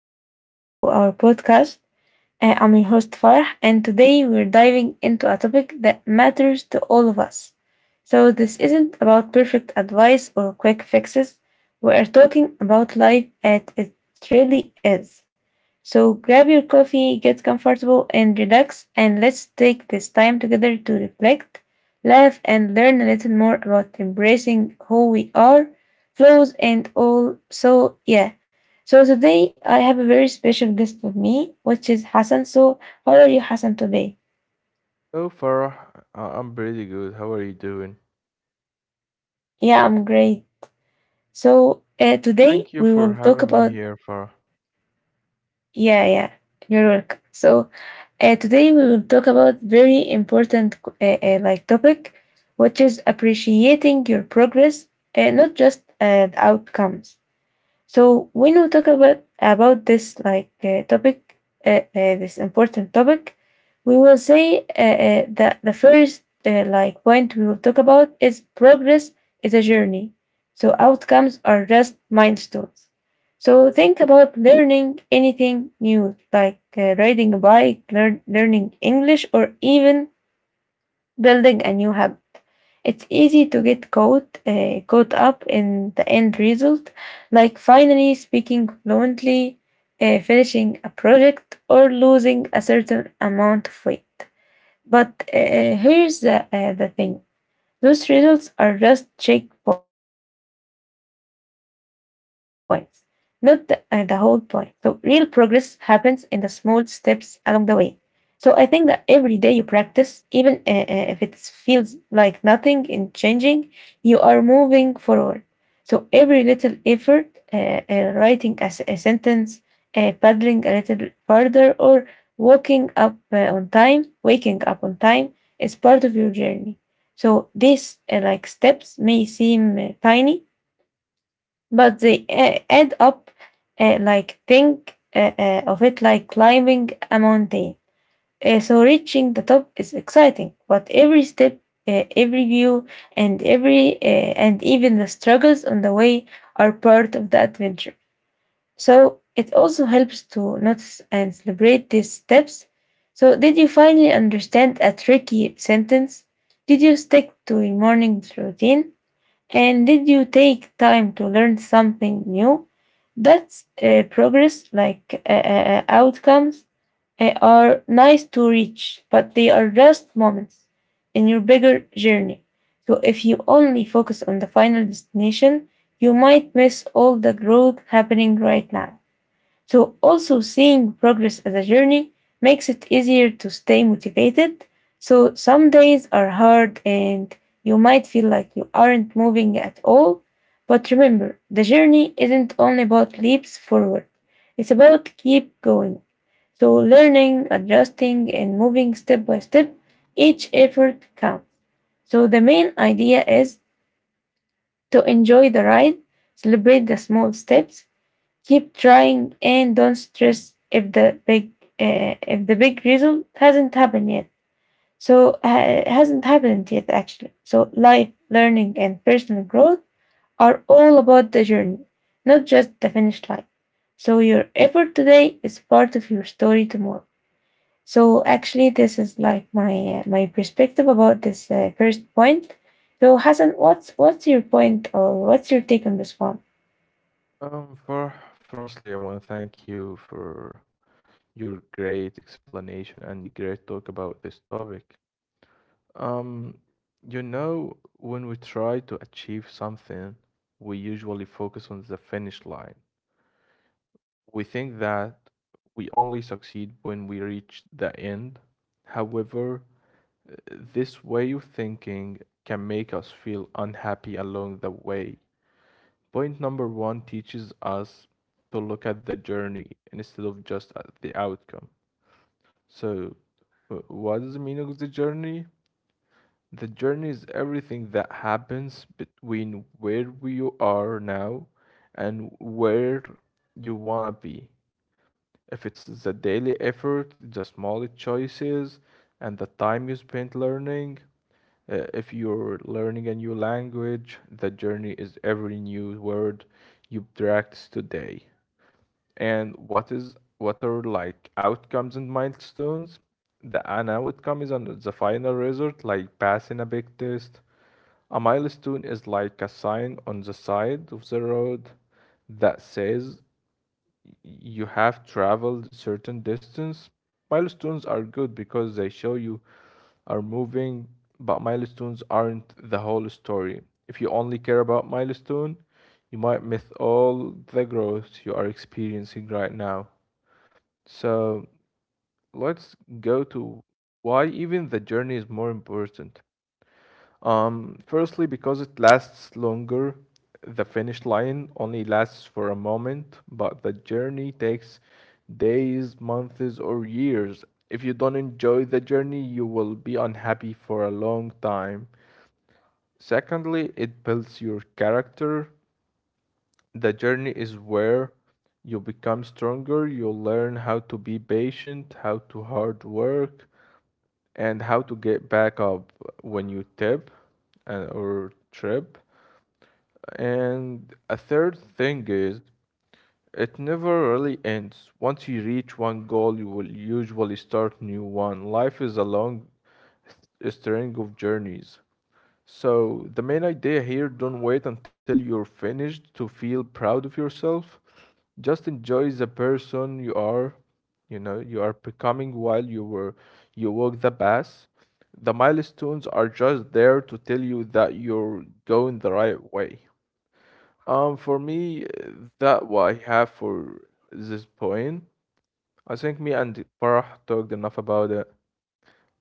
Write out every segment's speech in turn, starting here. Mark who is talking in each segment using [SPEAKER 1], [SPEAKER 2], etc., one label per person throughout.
[SPEAKER 1] welcome back to our podcast. I'm your host Farah, and today we're diving into a topic that matters to all of us. So, this isn't about perfect advice or quick fixes, we are talking about life as it really is. So, grab your coffee, get comfortable, and relax, and let's take this time together to reflect, laugh, and learn a little more about embracing who we are, flaws, and all. So, yeah. So today I have a very special guest with me, which is Hassan. So how are you, Hassan, today?
[SPEAKER 2] Hello, Farah. I'm pretty good. How are you doing?
[SPEAKER 1] Yeah, I'm great. So today
[SPEAKER 2] Thank you
[SPEAKER 1] we
[SPEAKER 2] for
[SPEAKER 1] will talk
[SPEAKER 2] having me
[SPEAKER 1] about
[SPEAKER 2] here, Farah.
[SPEAKER 1] yeah, yeah, your work. So today we will talk about very important like topic, which is appreciating your progress, not just the outcomes. So when we talk about this like topic, this important topic, we will say that the first like point we will talk about is progress is a journey. So outcomes are just milestones. So think about learning anything new, like riding a bike, learning English, or even building a new habit. It's easy to get caught up in the end result, like finally speaking fluently, finishing a project, or losing a certain amount of weight. But here's the thing: those results are just checkpoints, not the whole point. So real progress happens in the small steps along the way. So I think that every day you practice, even if it feels like nothing is changing, you are moving forward. So every little effort, writing a sentence, paddling a little further, or walking up on time, waking up on time, is part of your journey. So these like steps may seem tiny, but they end up like think of it like climbing a mountain. So reaching the top is exciting, but every step, every view, and every uh, and even the struggles on the way are part of the adventure. So it also helps to notice and celebrate these steps. So did you finally understand a tricky sentence? Did you stick to your morning routine? And did you take time to learn something new? That's progress, outcomes are nice to reach, but they are just moments in your bigger journey. So if you only focus on the final destination, you might miss all the growth happening right now. So, also seeing progress as a journey makes it easier to stay motivated. So, some days are hard and you might feel like you aren't moving at all. But remember, the journey isn't only about leaps forward, it's about keep going. So, learning, adjusting, and moving step by step, each effort counts. So, the main idea is to enjoy the ride, celebrate the small steps, keep trying and don't stress if the big result hasn't happened yet. So hasn't happened yet actually. So life, learning, and personal growth are all about the journey, not just the finish line. So your effort today is part of your story tomorrow. So actually, this is like my perspective about this first point. So Hassan, what's your point or what's your take on this one?
[SPEAKER 2] Farah, firstly, I want to thank you for your great explanation and the great talk about this topic. Um, you know, when we try to achieve something, we usually focus on the finish line. We think that we only succeed when we reach the end. However, this way of thinking can make us feel unhappy along the way. Point number one teaches us to look at the journey instead of just at the outcome. So, what is the meaning of the journey? The journey is everything that happens between where we are now and where you want to be. If it's the daily effort, the small choices, and the time you spend learning. If you're learning a new language, the journey is every new word you practice today. And what are like outcomes and milestones? The an outcome is the final result, like passing a big test. A milestone is like a sign on the side of the road that says you have traveled certain distance. Milestones are good because they show you are moving, but milestones aren't the whole story. If you only care about milestone, you might miss all the growth you are experiencing right now. So let's go to why even the journey is more important. Firstly, because it lasts longer, the finish line only lasts for a moment, but the journey takes days, months, or years. If you don't enjoy the journey, you will be unhappy for a long time. Secondly, it builds your character. The journey is where you become stronger, you learn how to be patient, how to hard work, and how to get back up when you tip and, or trip. And a third thing is, it never really ends. Once you reach one goal, you will usually start new one. Life is a long string of journeys. So the main idea here, don't wait until you're finished to feel proud of yourself. Just enjoy the person you are, you know, you are becoming while you walk the path. The milestones are just there to tell you that you're going the right way. For me, that what I have for this point. I think me and Farah talked enough about it,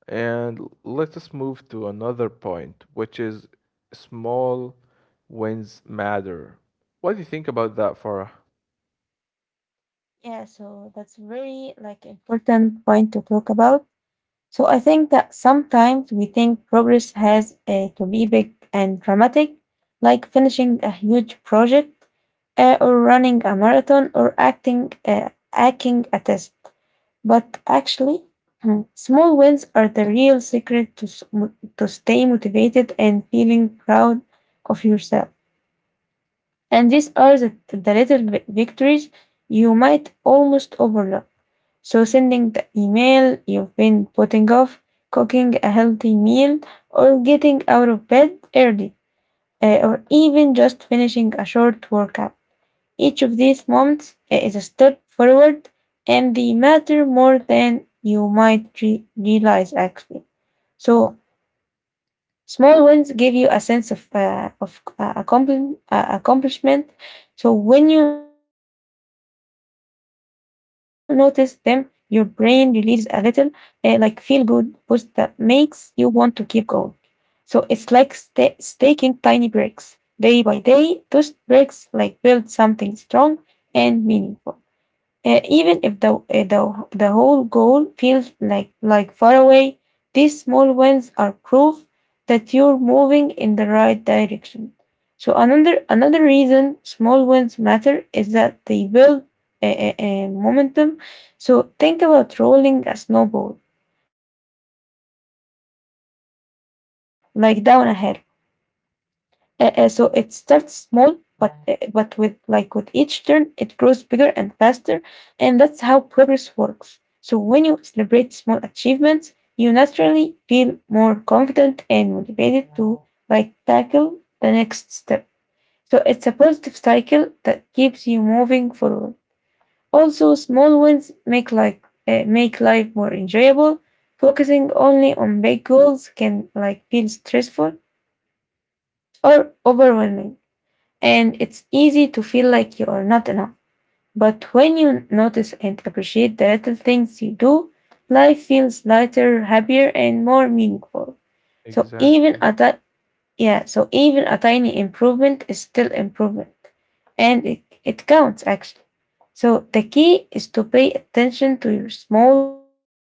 [SPEAKER 2] and let us move to another point, which is small wins matter. What do you think about that, Farah?
[SPEAKER 1] Yeah, so that's very like important point to talk about. So I think that sometimes we think progress has to be big and dramatic, like finishing a huge project, or running a marathon, or acting a test. But actually, small wins are the real secret to to stay motivated and feeling proud of yourself. And these are the little victories you might almost overlook. So, sending the email you've been putting off, cooking a healthy meal, or getting out of bed early, or even just finishing a short workout. Each of these moments is a step forward and they matter more than you might realize actually. So, small wins give you a sense of accomplishment. So when you notice them, your brain releases a little like feel good boost that makes you want to keep going. So it's like sta taking tiny breaks day by day. Those breaks like build something strong and meaningful. Even if the whole goal feels like far away, these small wins are proof that you're moving in the right direction. So another reason small wins matter is that they build momentum. So think about rolling a snowball like down a hill. So it starts small, but with like with each turn, it grows bigger and faster, and that's how progress works. So when you celebrate small achievements, you naturally feel more confident and motivated to like tackle the next step. So it's a positive cycle that keeps you moving forward. Also, small wins make life more enjoyable. Focusing only on big goals can like feel stressful, or overwhelming, and it's easy to feel like you are not enough. But when you notice and appreciate the little things you do, life feels lighter, happier, and more meaningful. So
[SPEAKER 2] Exactly.
[SPEAKER 1] yeah, so even a tiny improvement is still improvement, and it counts actually. So the key is to pay attention to your small victories.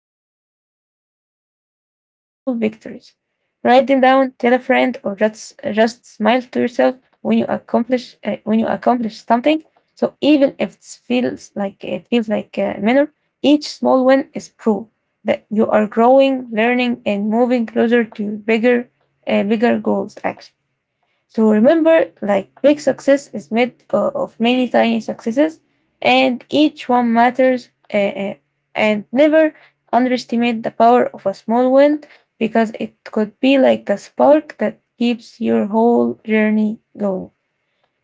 [SPEAKER 1] Write them down, tell a friend, or just smile to yourself when you accomplish something. So even if it feels like minor, each small win is proof that you are growing, learning, and moving closer to bigger goals. Actually. So remember, like big success is made of many tiny successes, and each one matters. And never underestimate the power of a small win because it could be like the spark that keeps your whole journey going.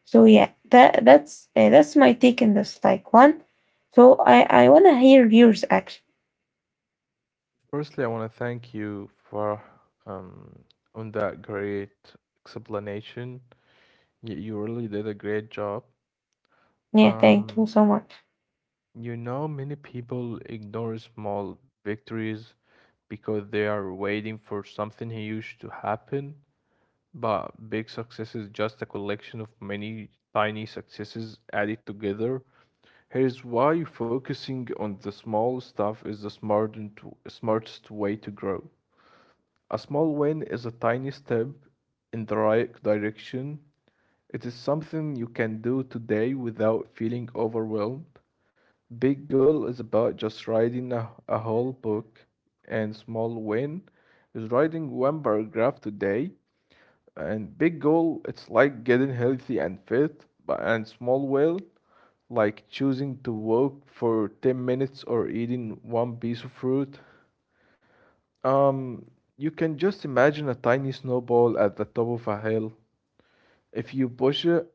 [SPEAKER 1] So yeah, that's my take in this like one. So I wanna hear yours actually.
[SPEAKER 2] Firstly, I want to thank you for um, on that great explanation. You really did a great job.
[SPEAKER 1] Yeah, thank you
[SPEAKER 2] Um,
[SPEAKER 1] so much.
[SPEAKER 2] You know, many people ignore small victories because they are waiting for something huge to happen, but big success is just a collection of many tiny successes added together. Here's why focusing on the small stuff is the smartest way to grow. A small win is a tiny step in the right direction. It is something you can do today without feeling overwhelmed. Big Goal is about just writing a whole book, and Small Win is writing one paragraph today. And Big Goal, it's like getting healthy and fit, but and Small Win, like choosing to walk for 10 minutes or eating one piece of fruit. Um, you can just imagine a tiny snowball at the top of a hill. If you push it,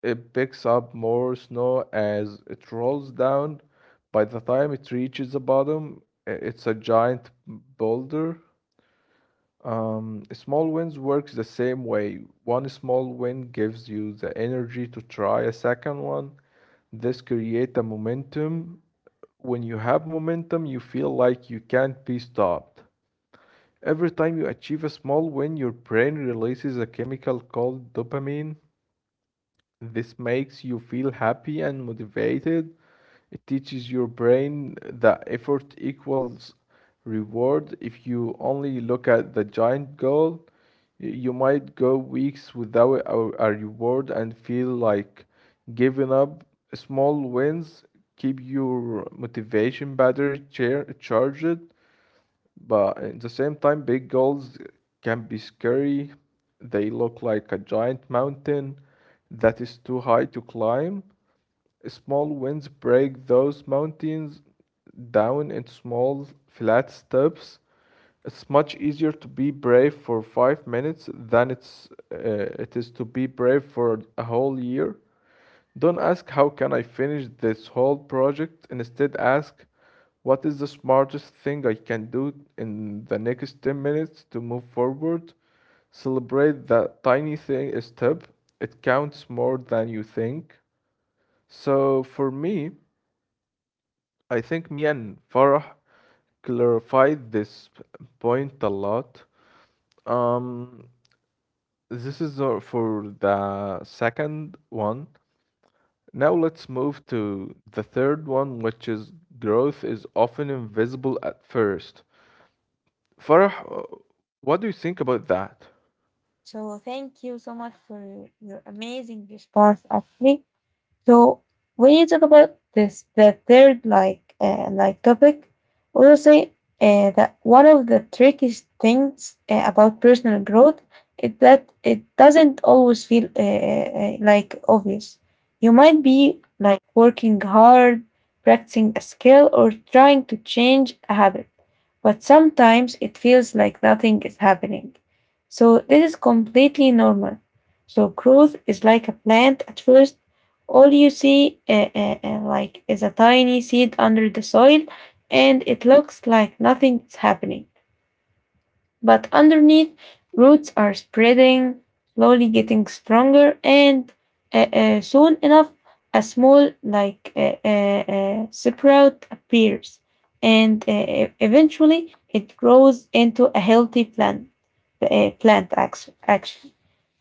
[SPEAKER 2] it picks up more snow as it rolls down. By the time it reaches the bottom, it's a giant boulder. Um, Small winds works the same way. One small wind gives you the energy to try a second one. This creates a momentum. When you have momentum, you feel like you can't be stopped. Every time you achieve a small win, your brain releases a chemical called dopamine. This makes you feel happy and motivated. It teaches your brain that effort equals reward. If you only look at the giant goal, you might go weeks without a reward and feel like giving up. Small wins keep your motivation battery charged. But at the same time, big goals can be scary. They look like a giant mountain that is too high to climb. Small wins break those mountains down into small, flat steps. It's much easier to be brave for 5 minutes than it is to be brave for a whole year. Don't ask how can I finish this whole project. Instead, ask what is the smartest thing I can do in the next 10 minutes to move forward. Celebrate that tiny thing step. It counts more than you think. So for me, I think me and Farah clarified this point a lot. Um, this is for the second one. Now let's move to the third one, which is growth is often invisible at first. Farah, what do you think about that?
[SPEAKER 1] Yeah, yeah. So thank you so much for your amazing response actually. So when you talk about this, the third like topic, I will say that one of the trickiest things about personal growth is that it doesn't always feel like obvious. You might be like working hard, practicing a skill, or trying to change a habit, but sometimes it feels like nothing is happening. So this is completely normal. So growth is like a plant at first all you see, like, is a tiny seed under the soil, and it looks like nothing's happening. But underneath, roots are spreading, slowly getting stronger, and soon enough, a small, sprout appears, and eventually it grows into a healthy plant. Plant action, action.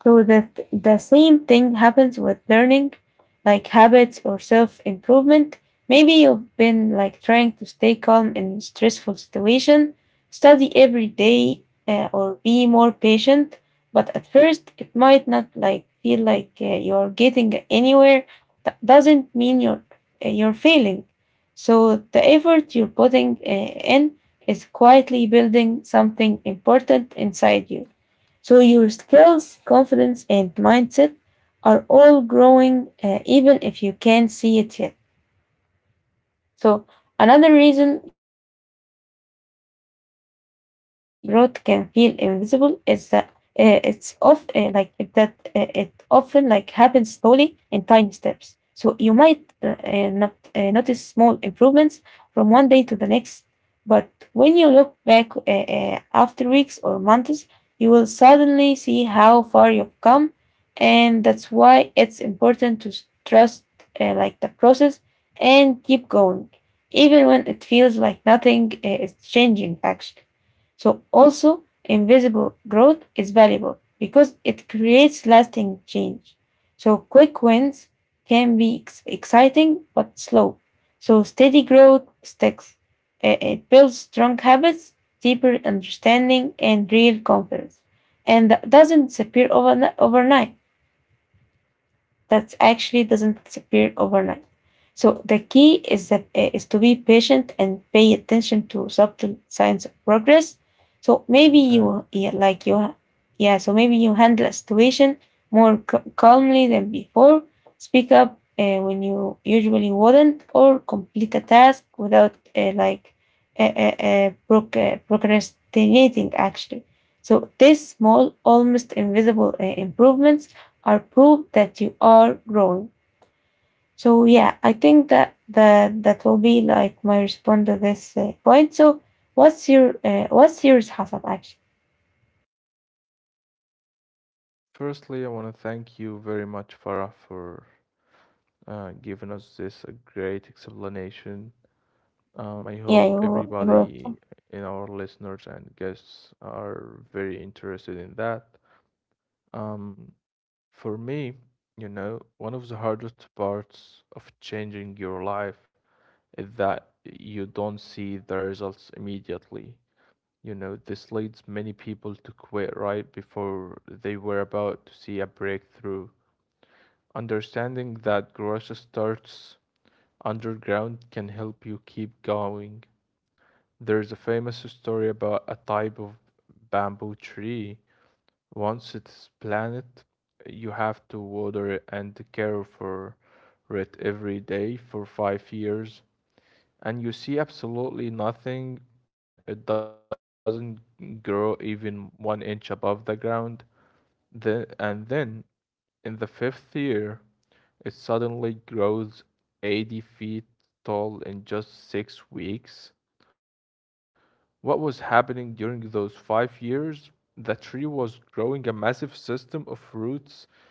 [SPEAKER 1] So that the same thing happens with learning, like habits or self improvement. Maybe you've been like trying to stay calm in a stressful situation, study every day, or be more patient but at first it might not like feel like you're getting anywhere that doesn't mean you're failing so the effort you're putting in is quietly building something important inside you so your skills confidence and mindset are all growing even if you can't see it yet so, another reason growth can feel invisible is that it's of like it- that it often like happens slowly in tiny steps. So you might not notice small improvements from one day to the next, but when you look back after weeks or months, you will suddenly see how far you've come, and that's why it's important to trust like the process and keep going even when it feels like nothing is changing actually. So also invisible growth is valuable because it creates lasting change. So quick wins can be exciting but slow. So steady growth sticks. It builds strong habits, deeper understanding, and real confidence. And that doesn't disappear overni- overnight that actually doesn't disappear overnight. So the key is that is to be patient and pay attention to subtle signs of progress. So maybe you
[SPEAKER 2] Exactly.
[SPEAKER 1] yeah, like you yeah so maybe you handle a situation more calmly than before. Speak up when you usually wouldn't, or complete a task without procrastinating actually. So these small, almost invisible improvements or prove that you are wrong. So yeah, I think that will be like my response to this point. So what's your what's yours, Hassan? Actually,
[SPEAKER 2] Firstly, I want to thank you very much, Farah, for giving us this a great explanation. I
[SPEAKER 1] yeah,
[SPEAKER 2] hope
[SPEAKER 1] you're welcome.
[SPEAKER 2] everybody in our listeners and guests are very interested in that. Um, for me, you know, one of the hardest parts of changing your life that you don't see the results immediately. You know, this leads many people to quit right before they were about to see a breakthrough. Understanding that growth starts underground can help you keep going. There's a famous story about a type of bamboo tree. Once it's planted, you have to water it and care for it every day for 5 years, and you see absolutely nothing. It doesn't grow even one inch above the ground. And then in the fifth year, it suddenly grows 80 feet tall in just 6 weeks. What was happening during those 5 years? The tree was growing a massive system of roots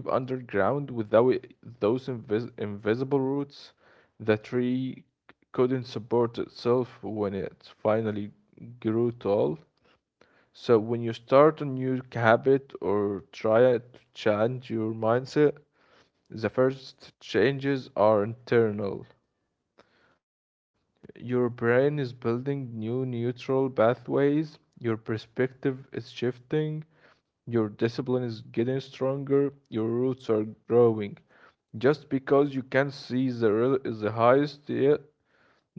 [SPEAKER 2] deep underground. Without it- Those invisible roots, the tree couldn't support itself when it finally grew tall. So when you start a new habit or try to change your mindset, the first changes are internal. Your brain is building new neutral pathways, your perspective is shifting, your discipline is getting stronger, your roots are growing. Just because you can't see the real is the highest yet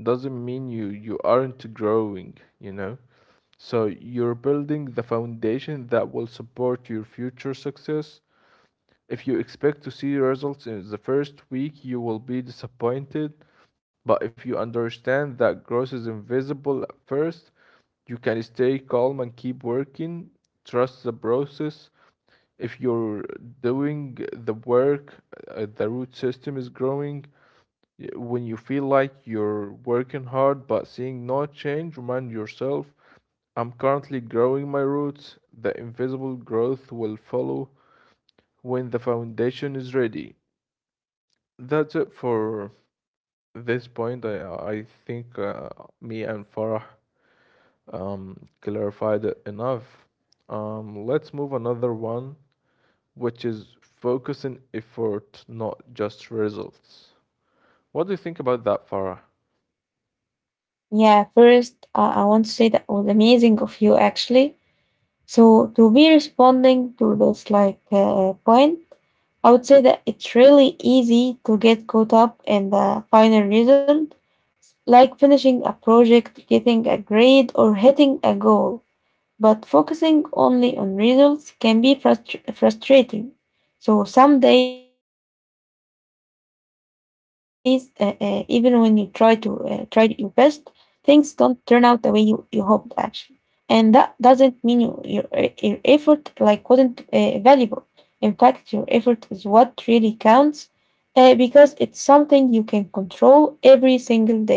[SPEAKER 2] doesn't mean you aren't growing, you know? So you're building the foundation that will support your future success. If you expect to see results in the first week, you will be disappointed. But if you understand that growth is invisible at first, you can stay calm and keep working. Trust the process. If you're doing the work, the root system is growing. When you feel like you're working hard but seeing no change, remind yourself, I'm currently growing my roots. The invisible growth will follow when the foundation is ready. That's it for this point. I think me and Farah clarified it enough. Let's move another one, which is focusing effort, not just results. What do you think about that, Farah?
[SPEAKER 1] Yeah, first I want to say that was amazing of you actually. So to be responding to this point, I would say that it's really easy to get caught up in the final result, like finishing a project, getting a grade, or hitting a goal. But focusing only on results can be frustrating. So some days, even when you try to try your best, things don't turn out the way you hoped actually. And that doesn't mean your effort wasn't valuable. In fact, your effort is what really counts because it's something you can control every single day.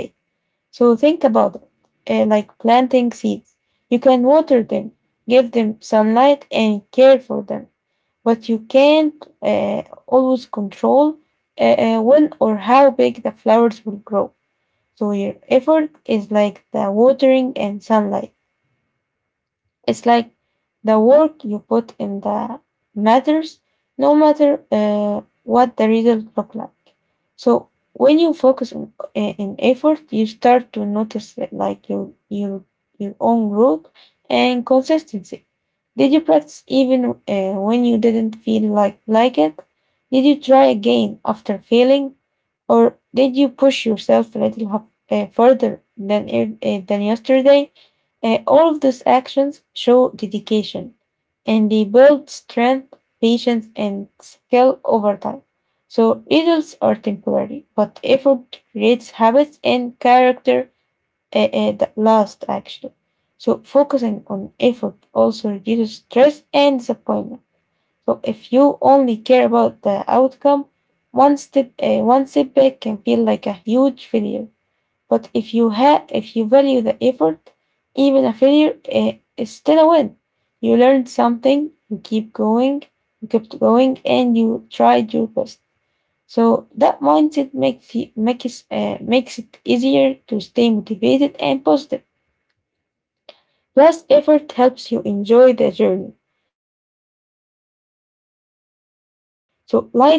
[SPEAKER 1] So think about it, like planting seeds. You can water them, give them sunlight, and care for them, but you can't always control uh, when or how big the flowers will grow. So your effort is like the watering and sunlight. It's like the work you put in the matters, no matter what the result look like. So when you focus on in effort, you start to notice that, like your own growth and consistency. Did you practice even when you didn't feel like it? Did you try again after failing? Or did you push yourself a little further than yesterday? All of those actions show dedication and they build strength, patience, and skill over time. So results are temporary, but effort creates habits and character that last actually. So focusing on effort also reduces stress and disappointment. So if you only care about the outcome, one setback can feel like a huge failure. But if you value the effort, even a failure is still a win. You learned something, you keep going, you kept going, and you tried your best. So that mindset makes it easier to stay motivated and positive. Plus, effort helps you enjoy the journey. So life isn't just about reaching the finish line.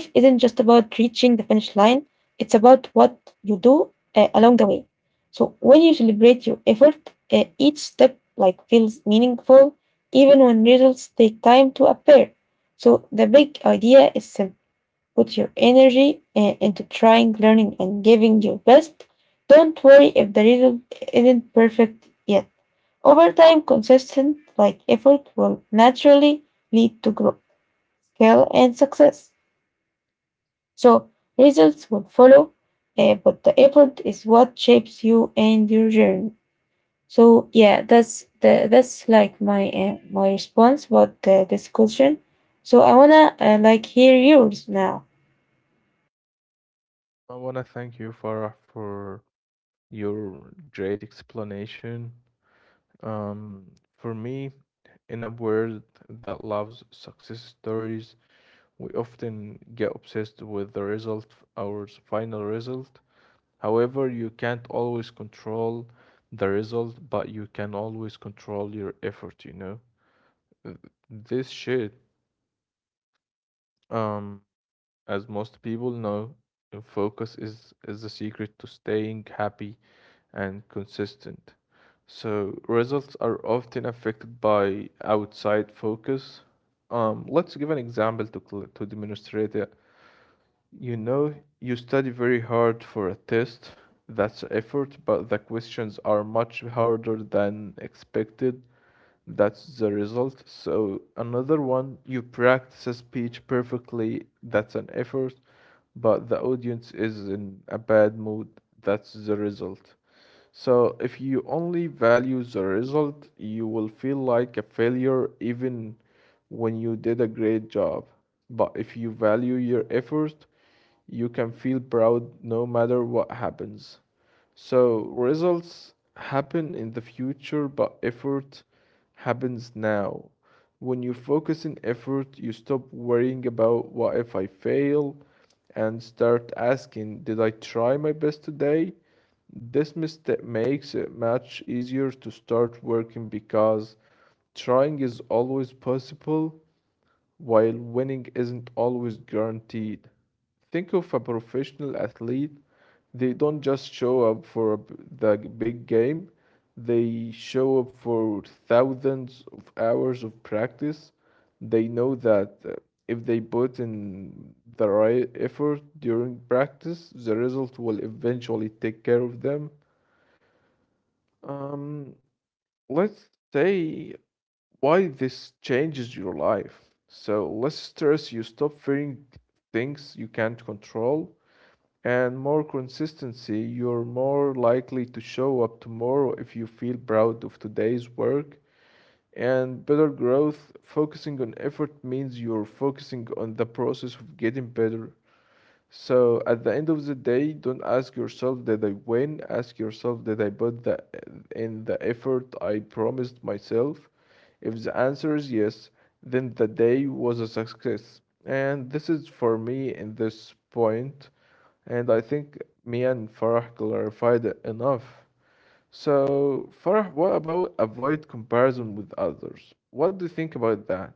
[SPEAKER 1] It's about what you do along the way. So when you celebrate your effort, each step feels meaningful, even when results take time to appear. So the big idea is simple: put your energy into trying, learning, and giving your best. Don't worry if the result isn't perfect yet. Over time, consistent effort will naturally lead to growth, skill, and success. So results will follow, but the effort is what shapes you and your journey. So yeah, that's like my response about the discussion. So I wanna hear yours now.
[SPEAKER 2] I want to thank you, Farah, for your great explanation. Um, for me, in a world that loves success stories, we often get obsessed with the result, our final result. However, you can't always control the result, but you can always control your effort, you know? Uh, This shit, um, as most people know, focus is the secret to staying happy and consistent. So results are often affected by outside focus. Let's give an example to to demonstrate it. You know, you study very hard for a test. That's effort, but the questions are much harder than expected, that's the result. So another one, you practice a speech perfectly, that's an effort, but the audience is in a bad mood, that's the result. So if you only value the result, you will feel like a failure even when you did a great job. But if you value your effort, you can feel proud no matter what happens. So results happen in the future, but effort happens now. When you focus in effort, you stop worrying about what if I fail and start asking, did I try my best today? This mistake makes it much easier to start working because trying is always possible while winning isn't always guaranteed. Think of a professional athlete, they don't just show up for the big game, they show up for thousands of hours of practice. They know that if they put in the right effort during practice, the result will eventually take care of them. Um, let's say why this changes your life. So less stress, you stop fearing things you can't control, and more consistency, you're more likely to show up tomorrow if you feel proud of today's work. And better growth, focusing on effort means you're focusing on the process of getting better. So at the end of the day, don't ask yourself did I win? Ask yourself did I put the in the effort I promised myself? If the answer is yes, then the day was a success. And this is for me in this point, and I think me and Farah clarified it enough. So Farah, what about avoid comparison with others? What do you think about that?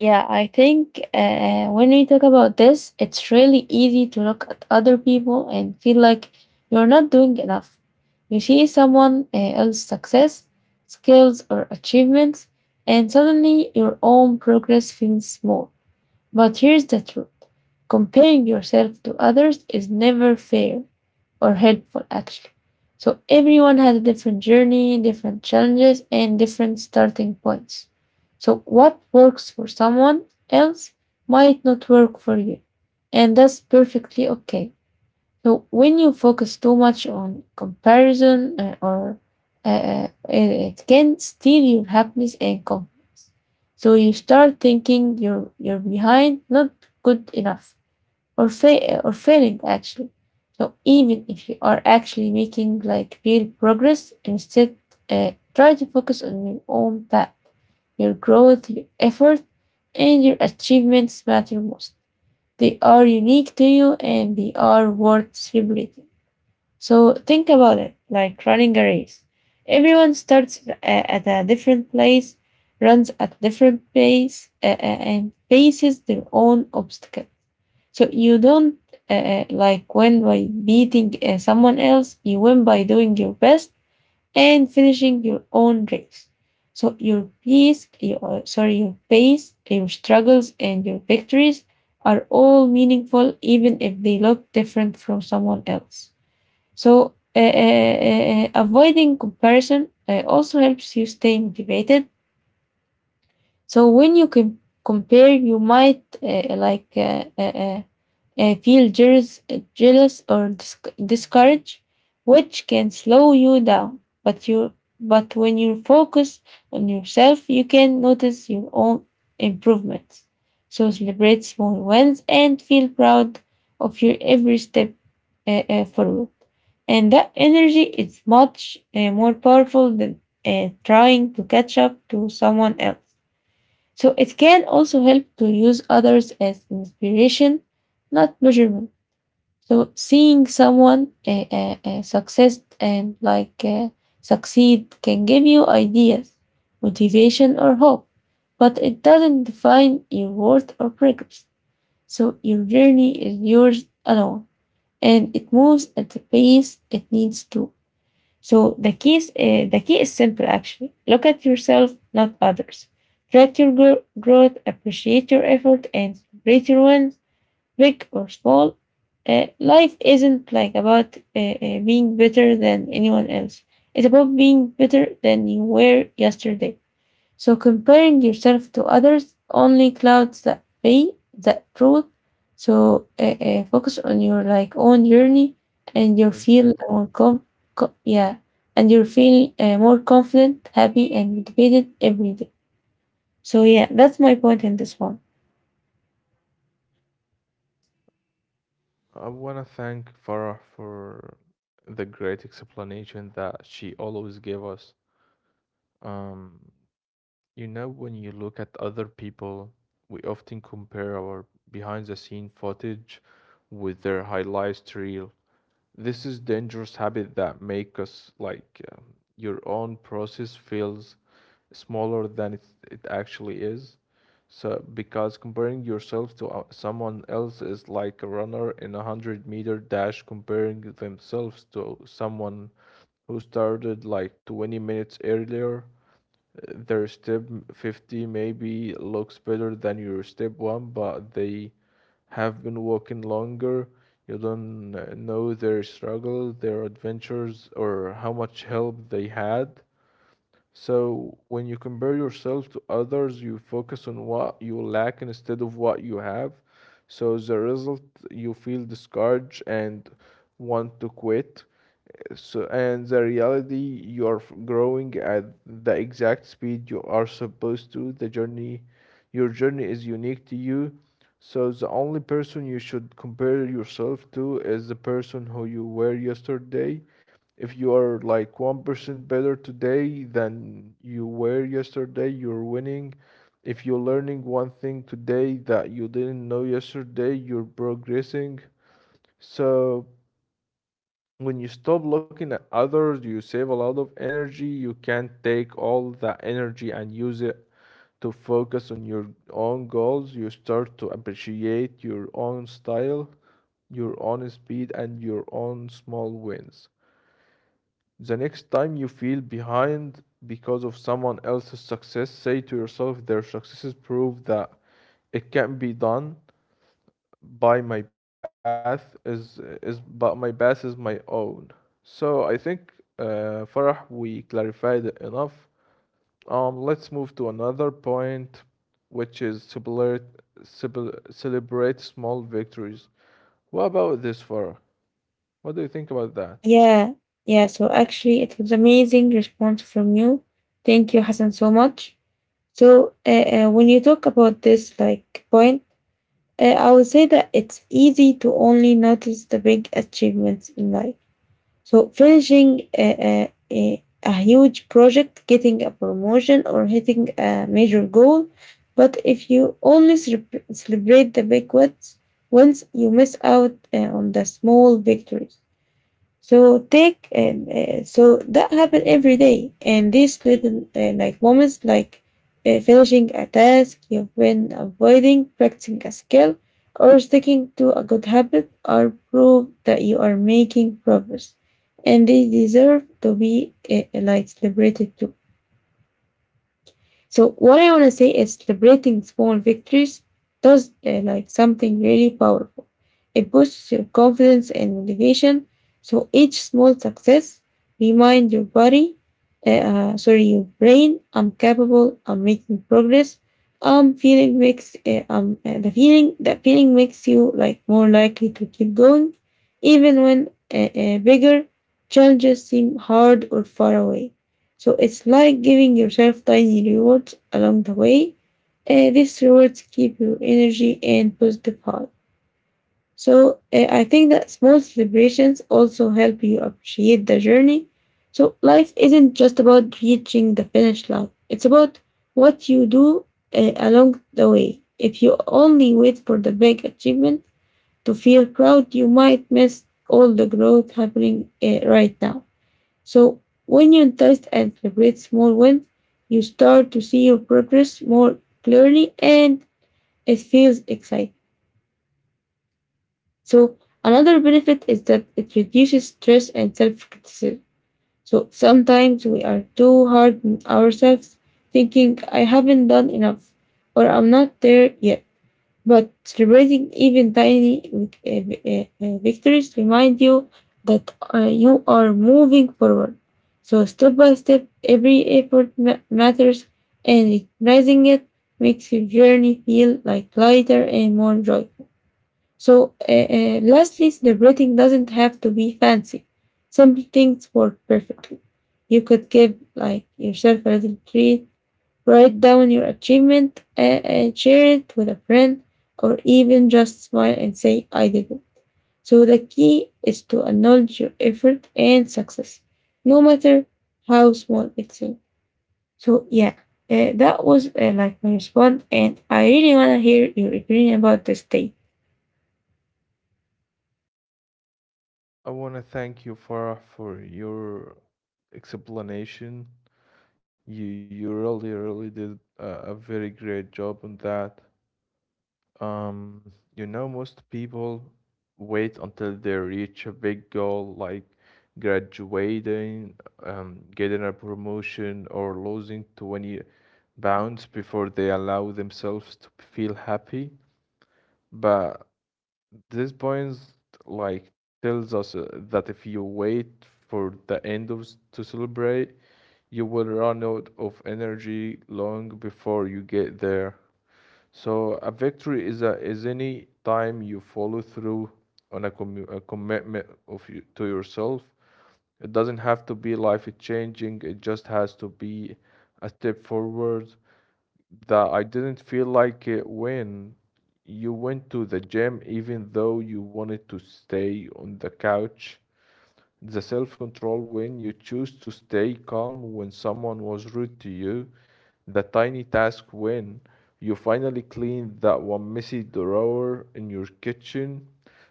[SPEAKER 1] Yeah, I think when we talk about this, it's really easy to look at other people and feel like you're not doing enough. You see someone else's success, skills, or achievements, and suddenly your own progress feels small. But here's the truth, comparing yourself to others is never fair or helpful, actually. So everyone has a different journey, different challenges, and different starting points. So what works for someone else might not work for you, and that's perfectly okay. So when you focus too much on comparison or it can steal your happiness and confidence. So you start thinking you're behind, not good enough, or failing actually. So even if you are actually making real progress, instead try to focus on your own path, your growth, your effort, and your achievements matter most. They are unique to you and they are worth celebrating. So think about it like running a race. Everyone starts at a different place, runs at different pace, and faces their own obstacle. So you don't win by beating someone else, you win by doing your best and finishing your own race. So your pace, your struggles, and your victories are all meaningful, even if they look different from someone else. So avoiding comparison also helps you stay motivated so when you can compare, you might feel jealous, jealous or dis- discouraged, which can slow you down. But when you focus on yourself, you can notice your own improvements. So celebrate small wins and feel proud of your every step forward. And that energy is much more powerful than trying to catch up to someone else. So it can also help to use others as inspiration, not measurement. So seeing someone success and like succeed can give you ideas, motivation, or hope, but it doesn't define your worth or progress. So your journey is yours alone, and it moves at the pace it needs to. So the key is simple actually. Look at yourself, not others. Track your growth, appreciate your effort, and celebrate your wins, big or small. Life isn't about being better than anyone else. It's about being better than you were yesterday. So comparing yourself to others only clouds the truth. So focus on your own journey, and you feel
[SPEAKER 2] Exactly.
[SPEAKER 1] yeah, and you feel more confident, happy, and motivated every day. So yeah, that's my point in this one.
[SPEAKER 2] I want to thank Farah for the great explanation that she always gave us. Um, when you look at other people, we often compare our behind the scene footage with their highlights reel. This is dangerous habit that make us like your own process feels smaller than it actually is. So, because comparing yourself to someone else is like a runner in a 100-meter dash comparing themselves to someone who started like 20 minutes earlier. Their step 50 maybe looks better than your step 1, but they have been walking longer. You don't know their struggle, their adventures, or how much help they had. So when you compare yourself to others, you focus on what you lack instead of what you have. So as a result, you feel discouraged and want to quit. So, and the reality, you are growing at the exact speed you are supposed to. Your journey is unique to you. So, the only person you should compare yourself to is the person who you were yesterday. If you are like 1% better today than you were yesterday, you're winning. If you're learning one thing today that you didn't know yesterday, you're progressing. So, when you stop looking at others, you save a lot of energy. You can take all that energy and use it to focus on your own goals. You start to appreciate your own style, your own speed, and your own small wins. The next time you feel behind because of someone else's success, say to yourself, their successes prove that it can be done by my path is my own. So I think Farah, we clarified it enough. Let's move to another point, which is celebrate small victories. What about this, Farah? What do you think about that?
[SPEAKER 1] Yeah, yeah. So actually, it was amazing response from you. Thank you, Hassan, so much. So when you talk about this point, I would say that it's easy to only notice the big achievements in life. So, finishing a huge project, getting a promotion, or hitting a major goal. But if you only celebrate the big wins, you miss out on the small victories. So take and so that happen every day, and these little moments, like finishing a task you've been avoiding, practicing a skill, or sticking to a good habit, are proof that you are making progress, and they deserve to be celebrated too. So what I want to say is celebrating small victories does something really powerful. It boosts your confidence and motivation. So each small success remind your brain, I'm capable. I'm making progress. Feeling makes the feeling that feeling makes you more likely to keep going, even when bigger challenges seem hard or far away. So it's like giving yourself tiny rewards along the way. These rewards keep your energy and positive high. So I think that small celebrations also help you appreciate the journey. So life isn't just about reaching the finish line. It's about what you do along the way. If you only wait for the big achievement to feel proud, you might miss all the growth happening right now. So when you test and celebrate small wins, you start to see your progress more clearly and it feels exciting. So another benefit is that it reduces stress and self-criticism. So sometimes we are too hard on ourselves, thinking I haven't done enough or I'm not there yet. But celebrating even tiny victories remind you that you are moving forward. So, step by step, every effort matters, and recognizing it makes your journey feel lighter and more joyful. So, lastly, celebrating doesn't have to be fancy. Simple things work perfectly. You could give yourself a little treat. Write down your achievement and share it with a friend, or even just smile and say, I did it. So the key is to acknowledge your effort and success, no matter how small it seems. So yeah, that was my response, and I really wanna hear your opinion about this day.
[SPEAKER 2] I want to thank you, Farah, for your explanation. You really really did a very great job on that. Um, you know, most people wait until they reach a big goal like graduating, getting a promotion, or losing 20 pounds before they allow themselves to feel happy. But this point, like, tells us that if you wait for the to celebrate, you will run out of energy long before you get there. So a victory is any time you follow through on a commitment of you to yourself. It doesn't have to be life changing. It just has to be a step forward. That I didn't feel like it when you went to the gym, even though you wanted to stay on the couch, the self control when you choose to stay calm when someone was rude to you, the tiny task when you finally clean that one messy drawer in your kitchen.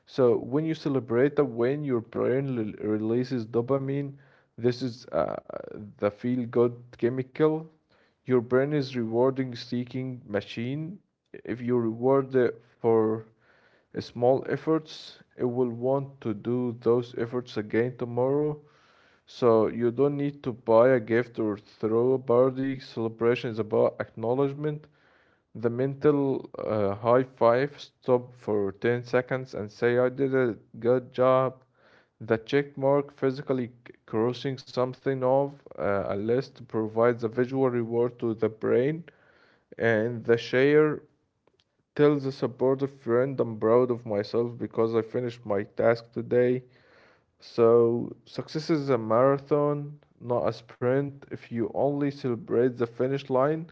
[SPEAKER 2] So, when you celebrate that, when your brain releases dopamine, this is the feel good chemical. Your brain is rewarding seeking machine. If you reward it for small efforts, it will want to do those efforts again tomorrow. So you don't need to buy a gift or throw a party. Celebration is about acknowledgement. The mental high five, stop for 10 seconds and say, I did a good job. The check mark, physically crossing something off a list, provides a visual reward to the brain. And the share, tell the supportive friend I'm proud of myself because I finished my task today. So, success is a marathon, not a sprint. If you only celebrate the finish line,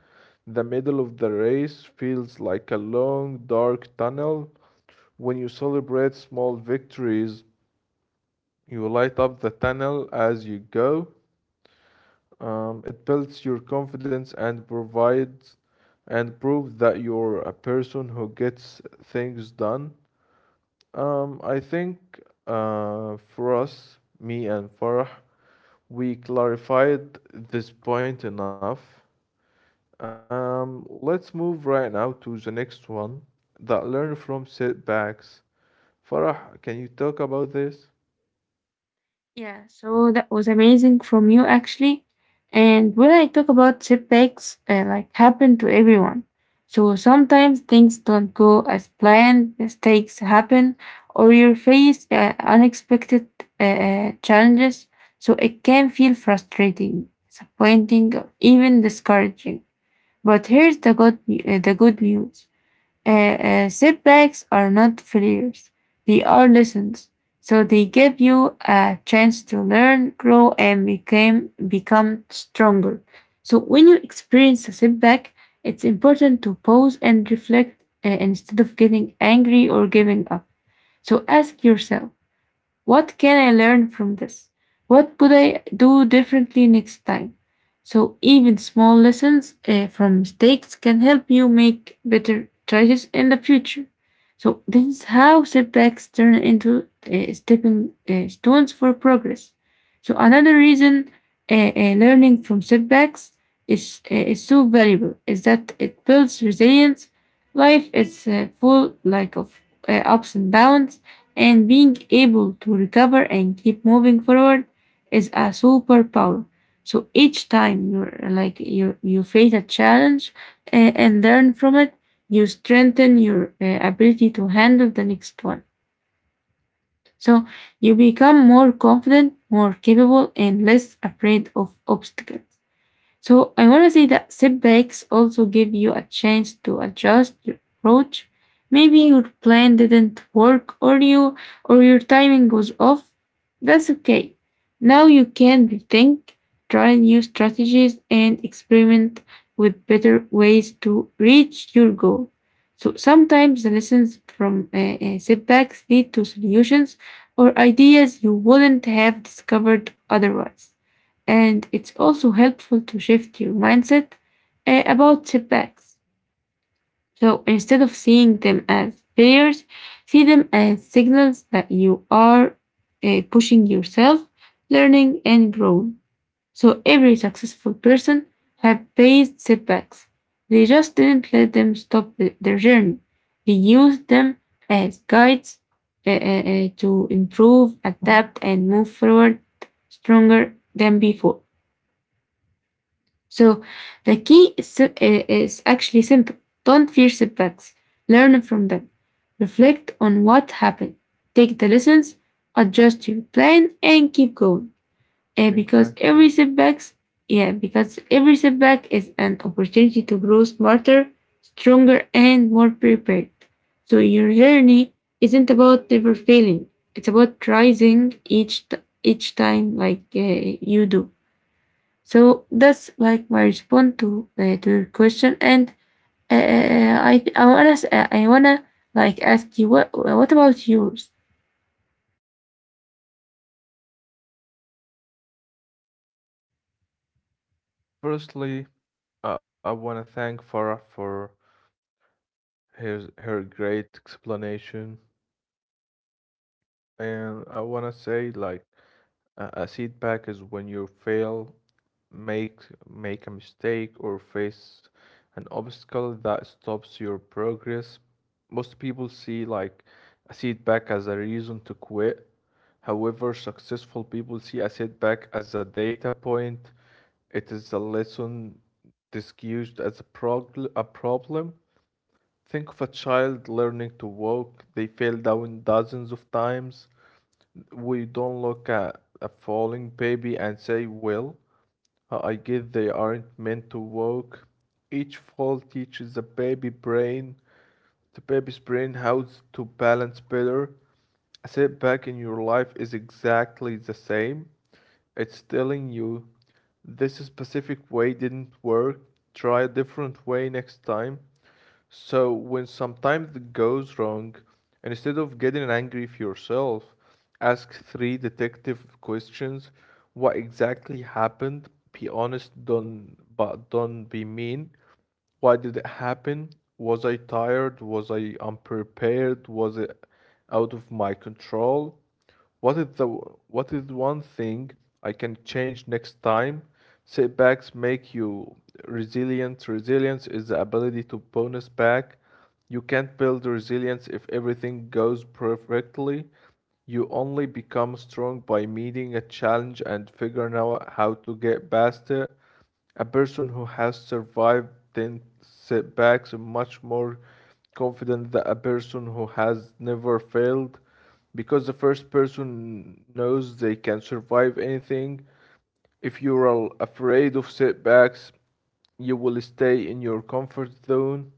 [SPEAKER 2] the middle of the race feels like a long, dark tunnel. When you celebrate small victories, you light up the tunnel as you go. It builds your confidence and provides and proves that you're a person who gets things done. I think for us, me and Farah, we clarified this point enough. Let's move right now to the next one that learn from setbacks. Farah, can you talk about this?
[SPEAKER 1] Yeah, so that was amazing from you actually. And when I talk about setbacks, like happen to everyone. So sometimes things don't go as planned, mistakes happen, or you face unexpected challenges. So it can feel frustrating, disappointing, or even discouraging. But here's the good news. Setbacks are not failures, they are lessons. So they give you a chance to learn, grow, and become stronger. So when you experience a setback, it's important to pause and reflect instead of getting angry or giving up. So ask yourself, what can I learn from this? What could I do differently next time? So, even small lessons from mistakes can help you make better choices in the future. So, this is how setbacks turn into stepping stones for progress. So, another reason learning from setbacks is so valuable is that it builds resilience. Life is full of ups and downs and being able to recover and keep moving forward is a superpower. So each time you're like you face a challenge and learn from it, you strengthen your ability to handle the next one. So you become more confident, more capable, and less afraid of obstacles. So I want to say that setbacks also give you a chance to adjust your approach. Maybe your plan didn't work or your timing was off. That's okay. Now you can rethink, try new strategies and experiment with better ways to reach your goal. So sometimes the lessons from setbacks lead to solutions or ideas you wouldn't have discovered otherwise. And it's also helpful to shift your mindset about setbacks. So instead of seeing them as failures, see them as signals that you are pushing yourself, learning, and growing. So every successful person have faced setbacks. They just didn't let them stop their journey. They used them as guides to improve, adapt, and move forward stronger than before. So the key is actually simple. Don't fear setbacks. Learn from them. Reflect on what happened. Take the lessons, adjust your plan, and keep going. Eh, because every
[SPEAKER 2] Exactly.
[SPEAKER 1] setbacks, yeah, because every setback is an opportunity to grow smarter, stronger, and more prepared. So your journey isn't about never failing. It's about rising each time, like you do. So that's like my response to your question. And I wanna like ask you what about yours?
[SPEAKER 2] Firstly, I want to thank Farah for his her great explanation, and I want to say like a setback is when you fail make make a mistake or face an obstacle that stops your progress. Most people see like a setback as a reason to quit. However, successful people see a setback as a data point. It is a lesson disguised as a problem. Think of a child learning to walk. They fell down dozens of times. We don't look at a falling baby and say, well, I guess they aren't meant to work. Each fall teaches the baby's brain how to balance better. A setback in your life is exactly the same. It's telling you this specific way didn't work. Try a different way next time. So when sometimes it goes wrong, and instead of getting angry with yourself, ask three detective questions. What exactly happened? Be honest, don't be mean. Why did it happen? Was I tired? Was I unprepared? Was it out of my control? What is the what is one thing I can change next time? Setbacks make you resilient. Resilience is the ability to bounce back. You can't build resilience if everything goes perfectly. You only become strong by meeting a challenge and figuring out how to get past it. A person who has survived 10 setbacks is much more confident than a person who has never failed because the first person knows they can survive anything. If you are afraid of setbacks, you will stay in your comfort zone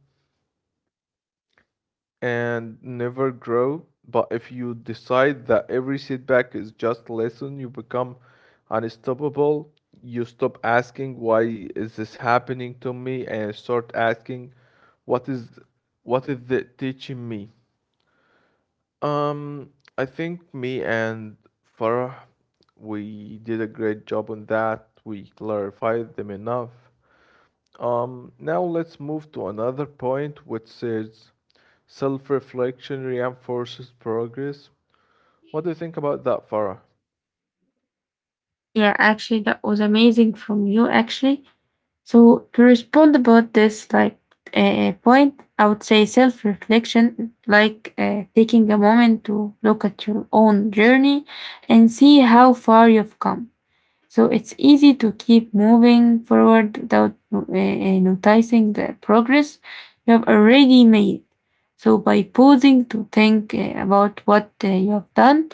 [SPEAKER 2] and never grow. But if you decide that every setback is just lesson, you become unstoppable. You stop asking why is this happening to me and start asking what is what is it teaching me? Um, I think me and Farah, we did a great job on that. We clarified them enough. Now let's move to another point, which is self-reflection reinforces progress. What do you think about that, Farah?
[SPEAKER 1] Yeah, actually, that was amazing from you. Actually, so to respond about this like point, I would say self reflection, like taking a moment to look at your own journey and see how far you've come. So it's easy to keep moving forward without noticing the progress you have already made. So by pausing to think about what you have done,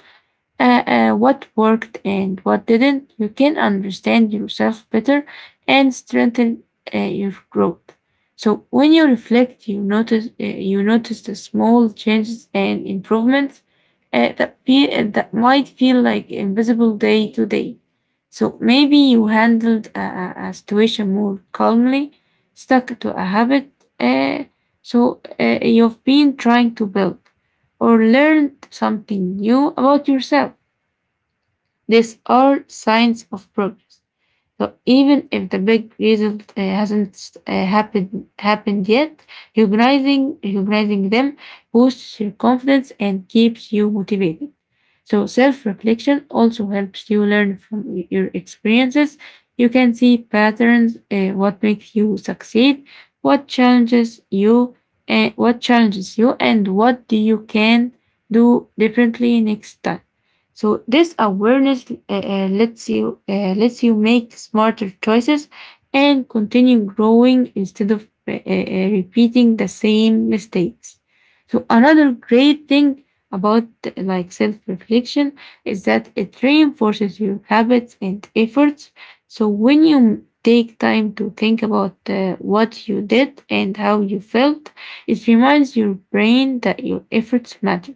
[SPEAKER 1] what worked and what didn't, you can understand yourself better and strengthen your growth. So when you reflect, you notice the small changes and improvements that might feel like invisible day to day. So maybe you handled a situation more calmly, stuck to a habit. Uh, you've been trying to build or learned something new about yourself. These are signs of progress. So even if the big result hasn't happened yet, recognizing them boosts your confidence and keeps you motivated. So self-reflection also helps you learn from your experiences. You can see patterns, what makes you succeed, what challenges you, what challenges you, and what do you can do differently next time. So this awareness lets you make smarter choices and continue growing instead of repeating the same mistakes. So another great thing about like self-reflection is that it reinforces your habits and efforts. So when you take time to think about what you did and how you felt, it reminds your brain that your efforts matter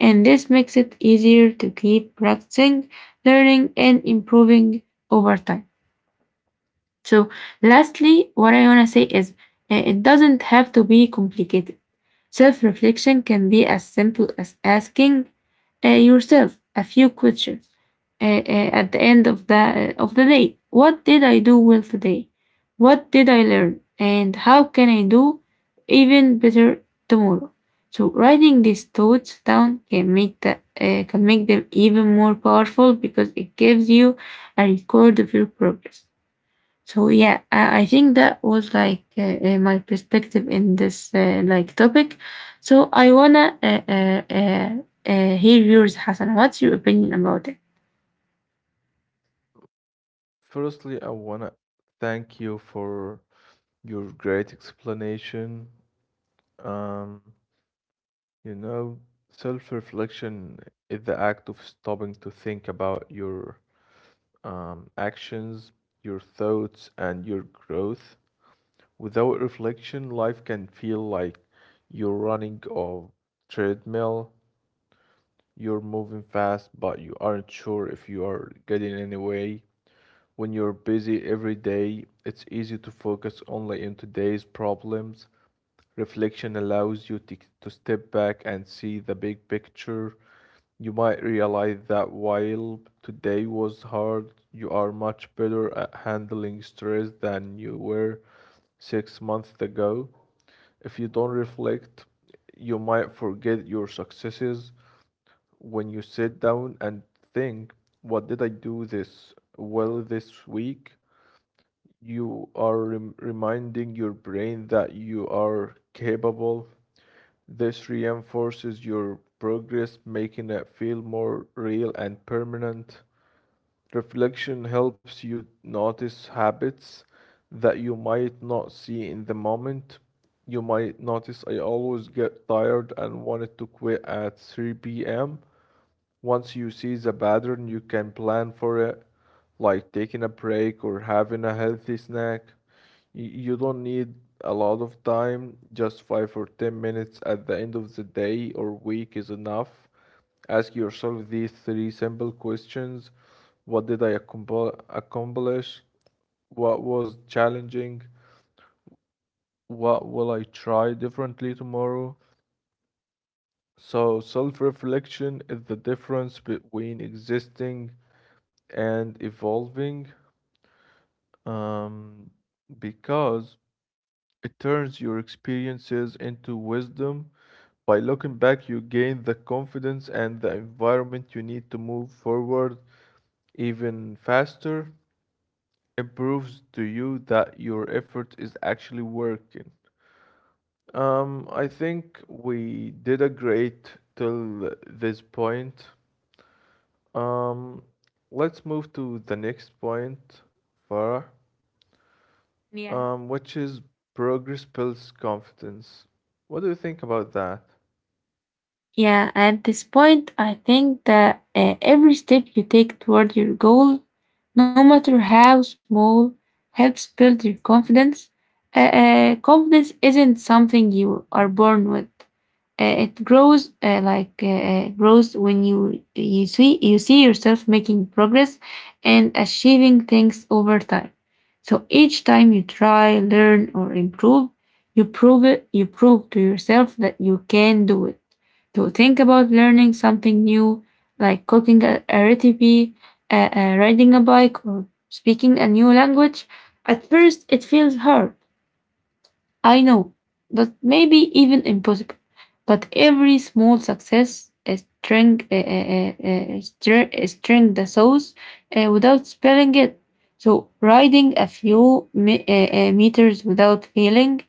[SPEAKER 1] and this makes it easier to keep practicing, learning, and improving over time. So, lastly, what I want to say is it doesn't have to be complicated. Self reflection can be as simple as asking yourself a few questions at the end of of the day. What did I do well today? What did I learn? And how can I do even better tomorrow? So writing these thoughts down can make can make them even more powerful because it gives you a record of your progress. So yeah, I think that was like my perspective in this like topic. So I wanna hear yours, Hassan. What's your opinion about it?
[SPEAKER 2] Firstly, I wanna thank you for your great explanation. Um, you know, self-reflection is the act of stopping to think about your actions, your thoughts, and your growth. Without reflection, life can feel like you're running a treadmill. You're moving fast, but you aren't sure if you are getting anywhere. When you're busy every day, it's easy to focus only on today's problems. Reflection allows to step back and see the big picture. You might realize that while today was hard, you are much better at handling stress than you were 6 months ago. If you don't reflect, you might forget your successes. When you sit down and think, what did I do this well this week? You are reminding your brain that you are capable. This reinforces your progress, making it feel more real and permanent. Reflection helps you notice habits that you might not see in the moment. You might notice I always get tired and wanted to quit at 3 p.m. Once you see the pattern, you can plan for it, like taking a break or having a healthy snack. You don't need a lot of time, just 5 or 10 minutes at the end of the day or week is enough. Ask yourself these three simple questions. What did I accomplish? What was challenging? What will I try differently tomorrow? So, self reflection is the difference between existing and evolving um, because it turns your experiences into wisdom. By looking back, you gain the confidence and the environment you need to move forward even faster. It proves to you that your effort is actually working. I think we did a great till this point. Um, let's move to the next point, Farah,
[SPEAKER 1] Yeah.
[SPEAKER 2] which is progress builds confidence. What do you think about that?
[SPEAKER 1] Yeah, at this point, I think that every step you take toward your goal, no matter how small, helps build your confidence. Confidence isn't something you are born with. It grows when you see yourself making progress and achieving things over time. So each time you try, learn, or improve, you prove it. You prove to yourself that you can do it. So think about learning something new, like cooking a recipe, riding a bike, or speaking a new language. At first, it feels hard I know, but maybe even impossible. But every small success string the sauce without spilling it. So riding a few meters without feeling,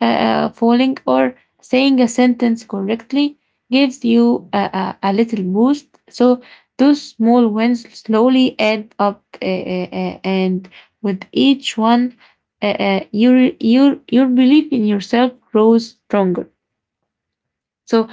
[SPEAKER 1] uh, uh, falling, or saying a sentence correctly gives you a little boost. So those small wins slowly add up, and with each one your belief in yourself grows stronger. So,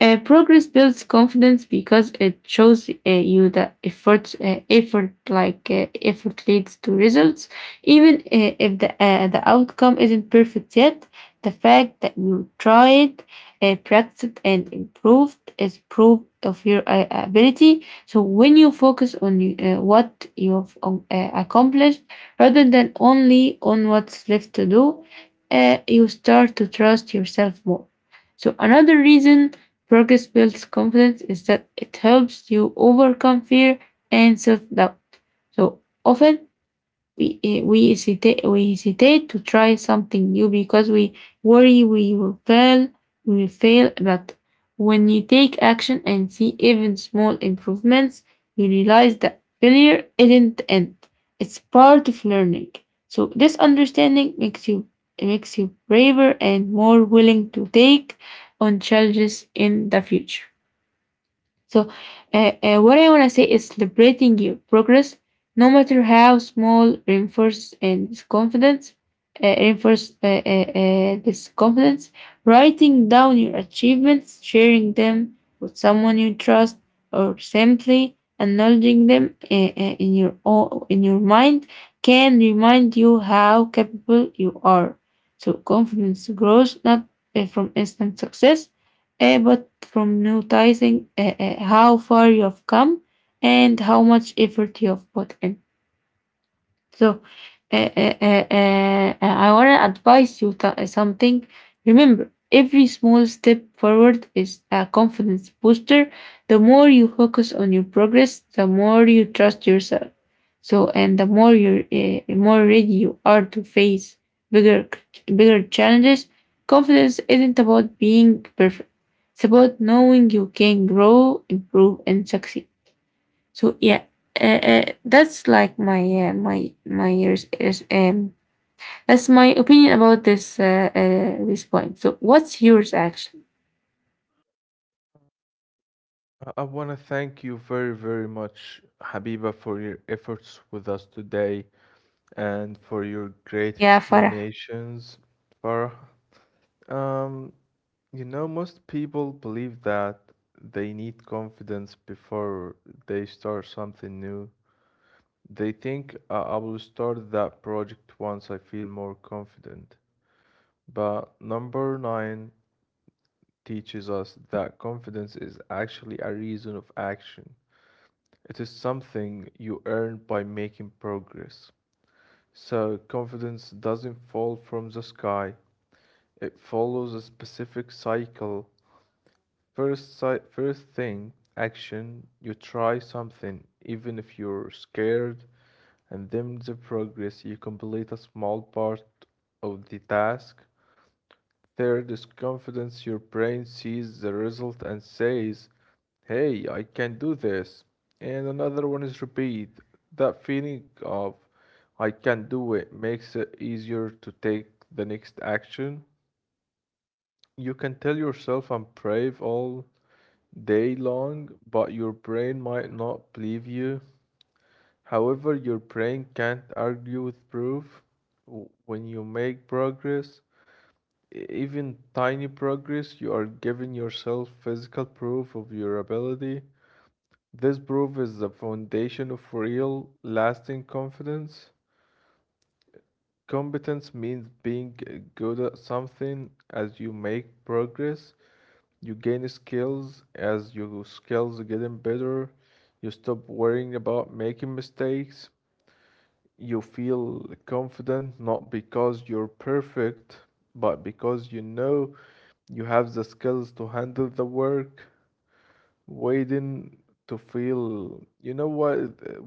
[SPEAKER 1] progress builds confidence because it shows you that effort leads to results. Even if the the outcome isn't perfect yet, the fact that you tried, practiced, and improved is proof of your ability. So when you focus on what you've accomplished rather than only on what's left to do, you start to trust yourself more. So another reason progress builds confidence is that it helps you overcome fear and self-doubt. So often we hesitate to try something new because worry we will fail we will fail, but when you take action and see even small improvements, you realize that failure isn't the end. It's part of learning. So this understanding makes you it makes you braver and more willing to take on challenges in the future. So, what I want to say is celebrating your progress, no matter how small, reinforces and this confidence, reinforce this confidence. Writing down your achievements, sharing them with someone you trust, or simply acknowledging them in your mind can remind you how capable you are. So, confidence grows not from instant success but from noticing how far you have come and how much effort you have put in. So I want to advise you something. Remember, every small step forward is a confidence booster. The more you focus on your progress, the more you trust yourself. So, and the more you more ready you are to face bigger bigger challenges. Confidence isn't about being perfect. It's about knowing you can grow, improve, and succeed. So yeah, that's like my my my years is that's my opinion about this this point. So what's yours actually?
[SPEAKER 2] I want to thank you very, very much, Habiba, for your efforts with us today and for your great
[SPEAKER 1] Yeah, Farah.
[SPEAKER 2] explanations. For um, you know, most people believe that they need confidence before they start something new. They think I will start that project once I feel more confident. But number nine teaches us that confidence is actually a reason of action. It is something you earn by making progress. So, confidence doesn't fall from the sky, it follows a specific cycle. First, first thing, action, you try something, even if you're scared, and then the progress, you complete a small part of the task. Third is confidence. Your brain sees the result and says, hey, I can do this. And another one is repeat. That feeling of I can do it makes it easier to take the next action. You can tell yourself I'm brave all day long, but your brain might not believe you. However, your brain can't argue with proof. When you make progress, even tiny progress, you are giving yourself physical proof of your ability. This proof is the foundation of real, lasting confidence. Competence means being good at something as you make progress. You gain skills as your skills are getting better. You stop worrying about making mistakes. You feel confident not because you're perfect, but because you know you have the skills to handle the work, waiting to feel. You know why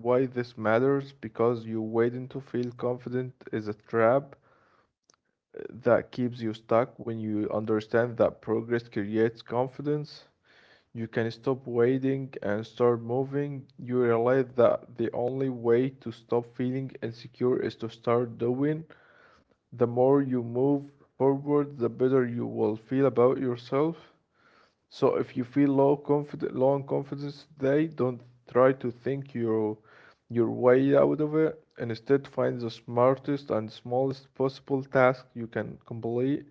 [SPEAKER 2] why this matters? Because you waiting to feel confident is a trap that keeps you stuck. When you understand that progress creates confidence, you can stop waiting and start moving. You realize that the only way to stop feeling insecure is to start doing the more you move forward, the better you will feel about yourself. So if you feel low confident, low in confidence today, don't try to think your way out of it. Instead, find the smartest and smallest possible task you can complete.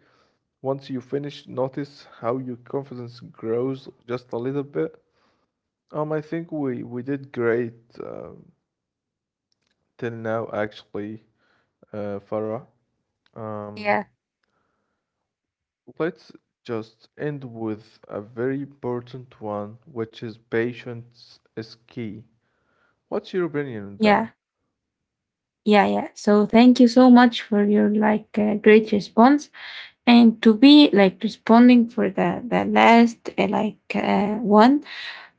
[SPEAKER 2] Once you finish, notice how your confidence grows just a little bit. I think we did great um till now, actually, Farah. Um,
[SPEAKER 1] Yeah,
[SPEAKER 2] Let's just end with a very important one, which is patience is key. What's your opinion on
[SPEAKER 1] yeah,
[SPEAKER 2] that?
[SPEAKER 1] yeah, yeah. So thank you so much for your like great response and to be like responding for the last one.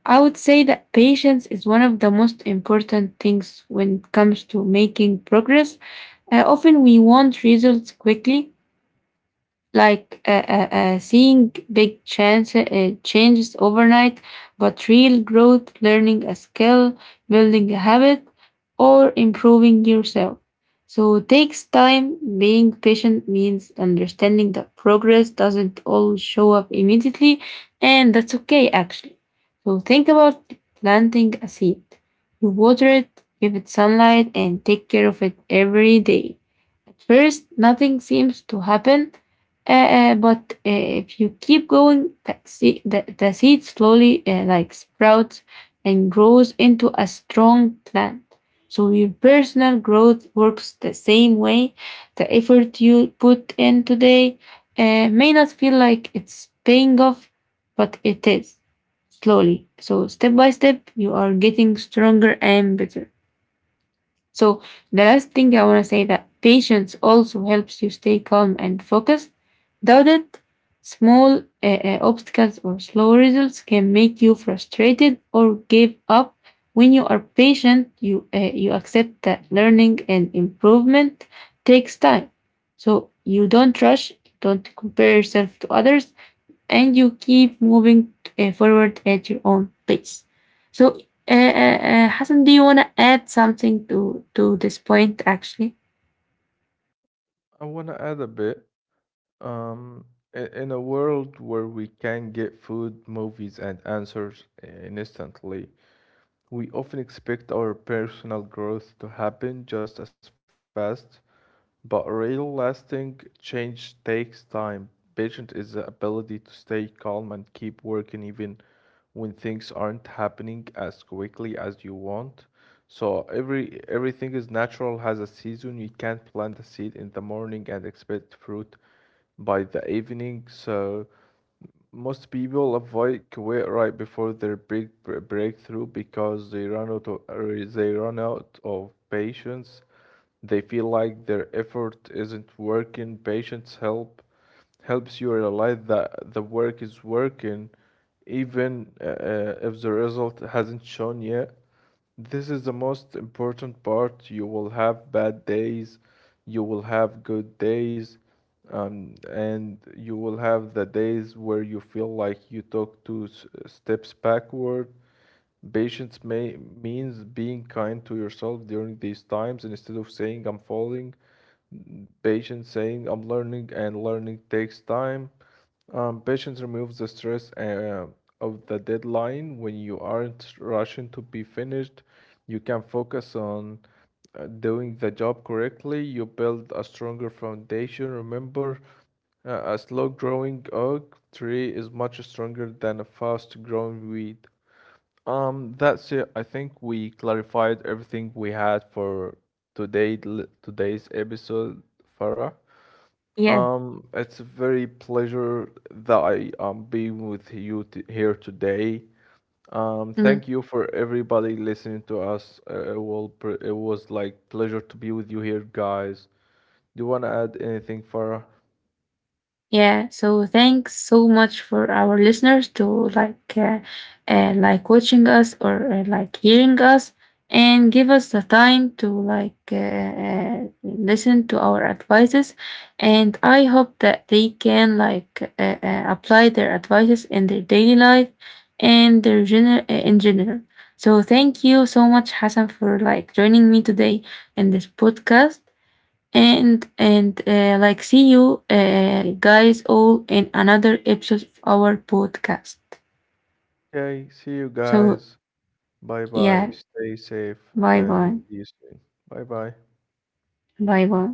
[SPEAKER 1] I would say that patience is one of the most important things when it comes to making progress. Often we want results quickly like seeing big changes overnight, but real growth, learning a skill, building a habit, or improving yourself. So it takes time. Being patient means understanding that progress doesn't all show up immediately, and that's okay actually. So think about planting a seed. You water it, give it sunlight, and take care of it every day. At first, nothing seems to happen, but if you keep going, the seed slowly like sprouts and grows into a strong plant. So your personal growth works the same way. The effort you put in today may not feel like it's paying off, but it is slowly. So step by step, you are getting stronger and better. So the last thing I want to say that patience also helps you stay calm and focused. Without it, small obstacles or slow results can make you frustrated or give up. When you are patient, you accept that learning and improvement takes time. So you don't rush, don't compare yourself to others, and you keep moving forward at your own pace. So, Hassan, do you want to add something to this point? Actually,
[SPEAKER 2] I want to add a bit. Um, in a world where we can get food, movies, and answers instantly, we often expect our personal growth to happen just as fast. But real lasting change takes time. Patient is the ability to stay calm and keep working even when things aren't happening as quickly as you want. So everything is natural, has a season. You can't plant a seed in the morning and expect fruit by the evening. So most people avoid Kuwait right before their big breakthrough because they run out of, or they run out of patience. They feel like their effort isn't working. Patience helps you realize that the work is working, even if the result hasn't shown yet. This is the most important part. You will have bad days, you will have good days, and you will have the days where you feel like you took two steps backward. Patience may means being kind to yourself during these times and instead of saying I'm falling. Patience saying I'm learning and learning takes time. Patience removes the stress of the deadline. When you aren't rushing to be finished, you can focus on doing the job correctly. You build a stronger foundation. Remember, a slow growing oak tree is much stronger than a fast growing weed. That's it. I think we clarified everything we had for today, today's episode, Farah.
[SPEAKER 1] Yeah.
[SPEAKER 2] It's a very pleasure that I am being with you t here today.
[SPEAKER 1] Mhm.
[SPEAKER 2] Thank you for everybody listening to us. It was like pleasure to be with you here, guys. Do you want to add anything, Farah?
[SPEAKER 1] Yeah, so thanks so much for our listeners to like uh, like watching us or like hearing us and give us the time to like listen to our advices, and I hope that they can like apply their advices in their daily life and in general. So thank you so much Hassan for like joining me today in this podcast, and like see you guys all in another episode of our podcast.
[SPEAKER 2] Okay, see you
[SPEAKER 1] So
[SPEAKER 2] guys. Bye
[SPEAKER 1] yeah,
[SPEAKER 2] bye. Stay safe
[SPEAKER 1] bye
[SPEAKER 2] and
[SPEAKER 1] bye.
[SPEAKER 2] see you soon. Bye bye.
[SPEAKER 1] Bye bye.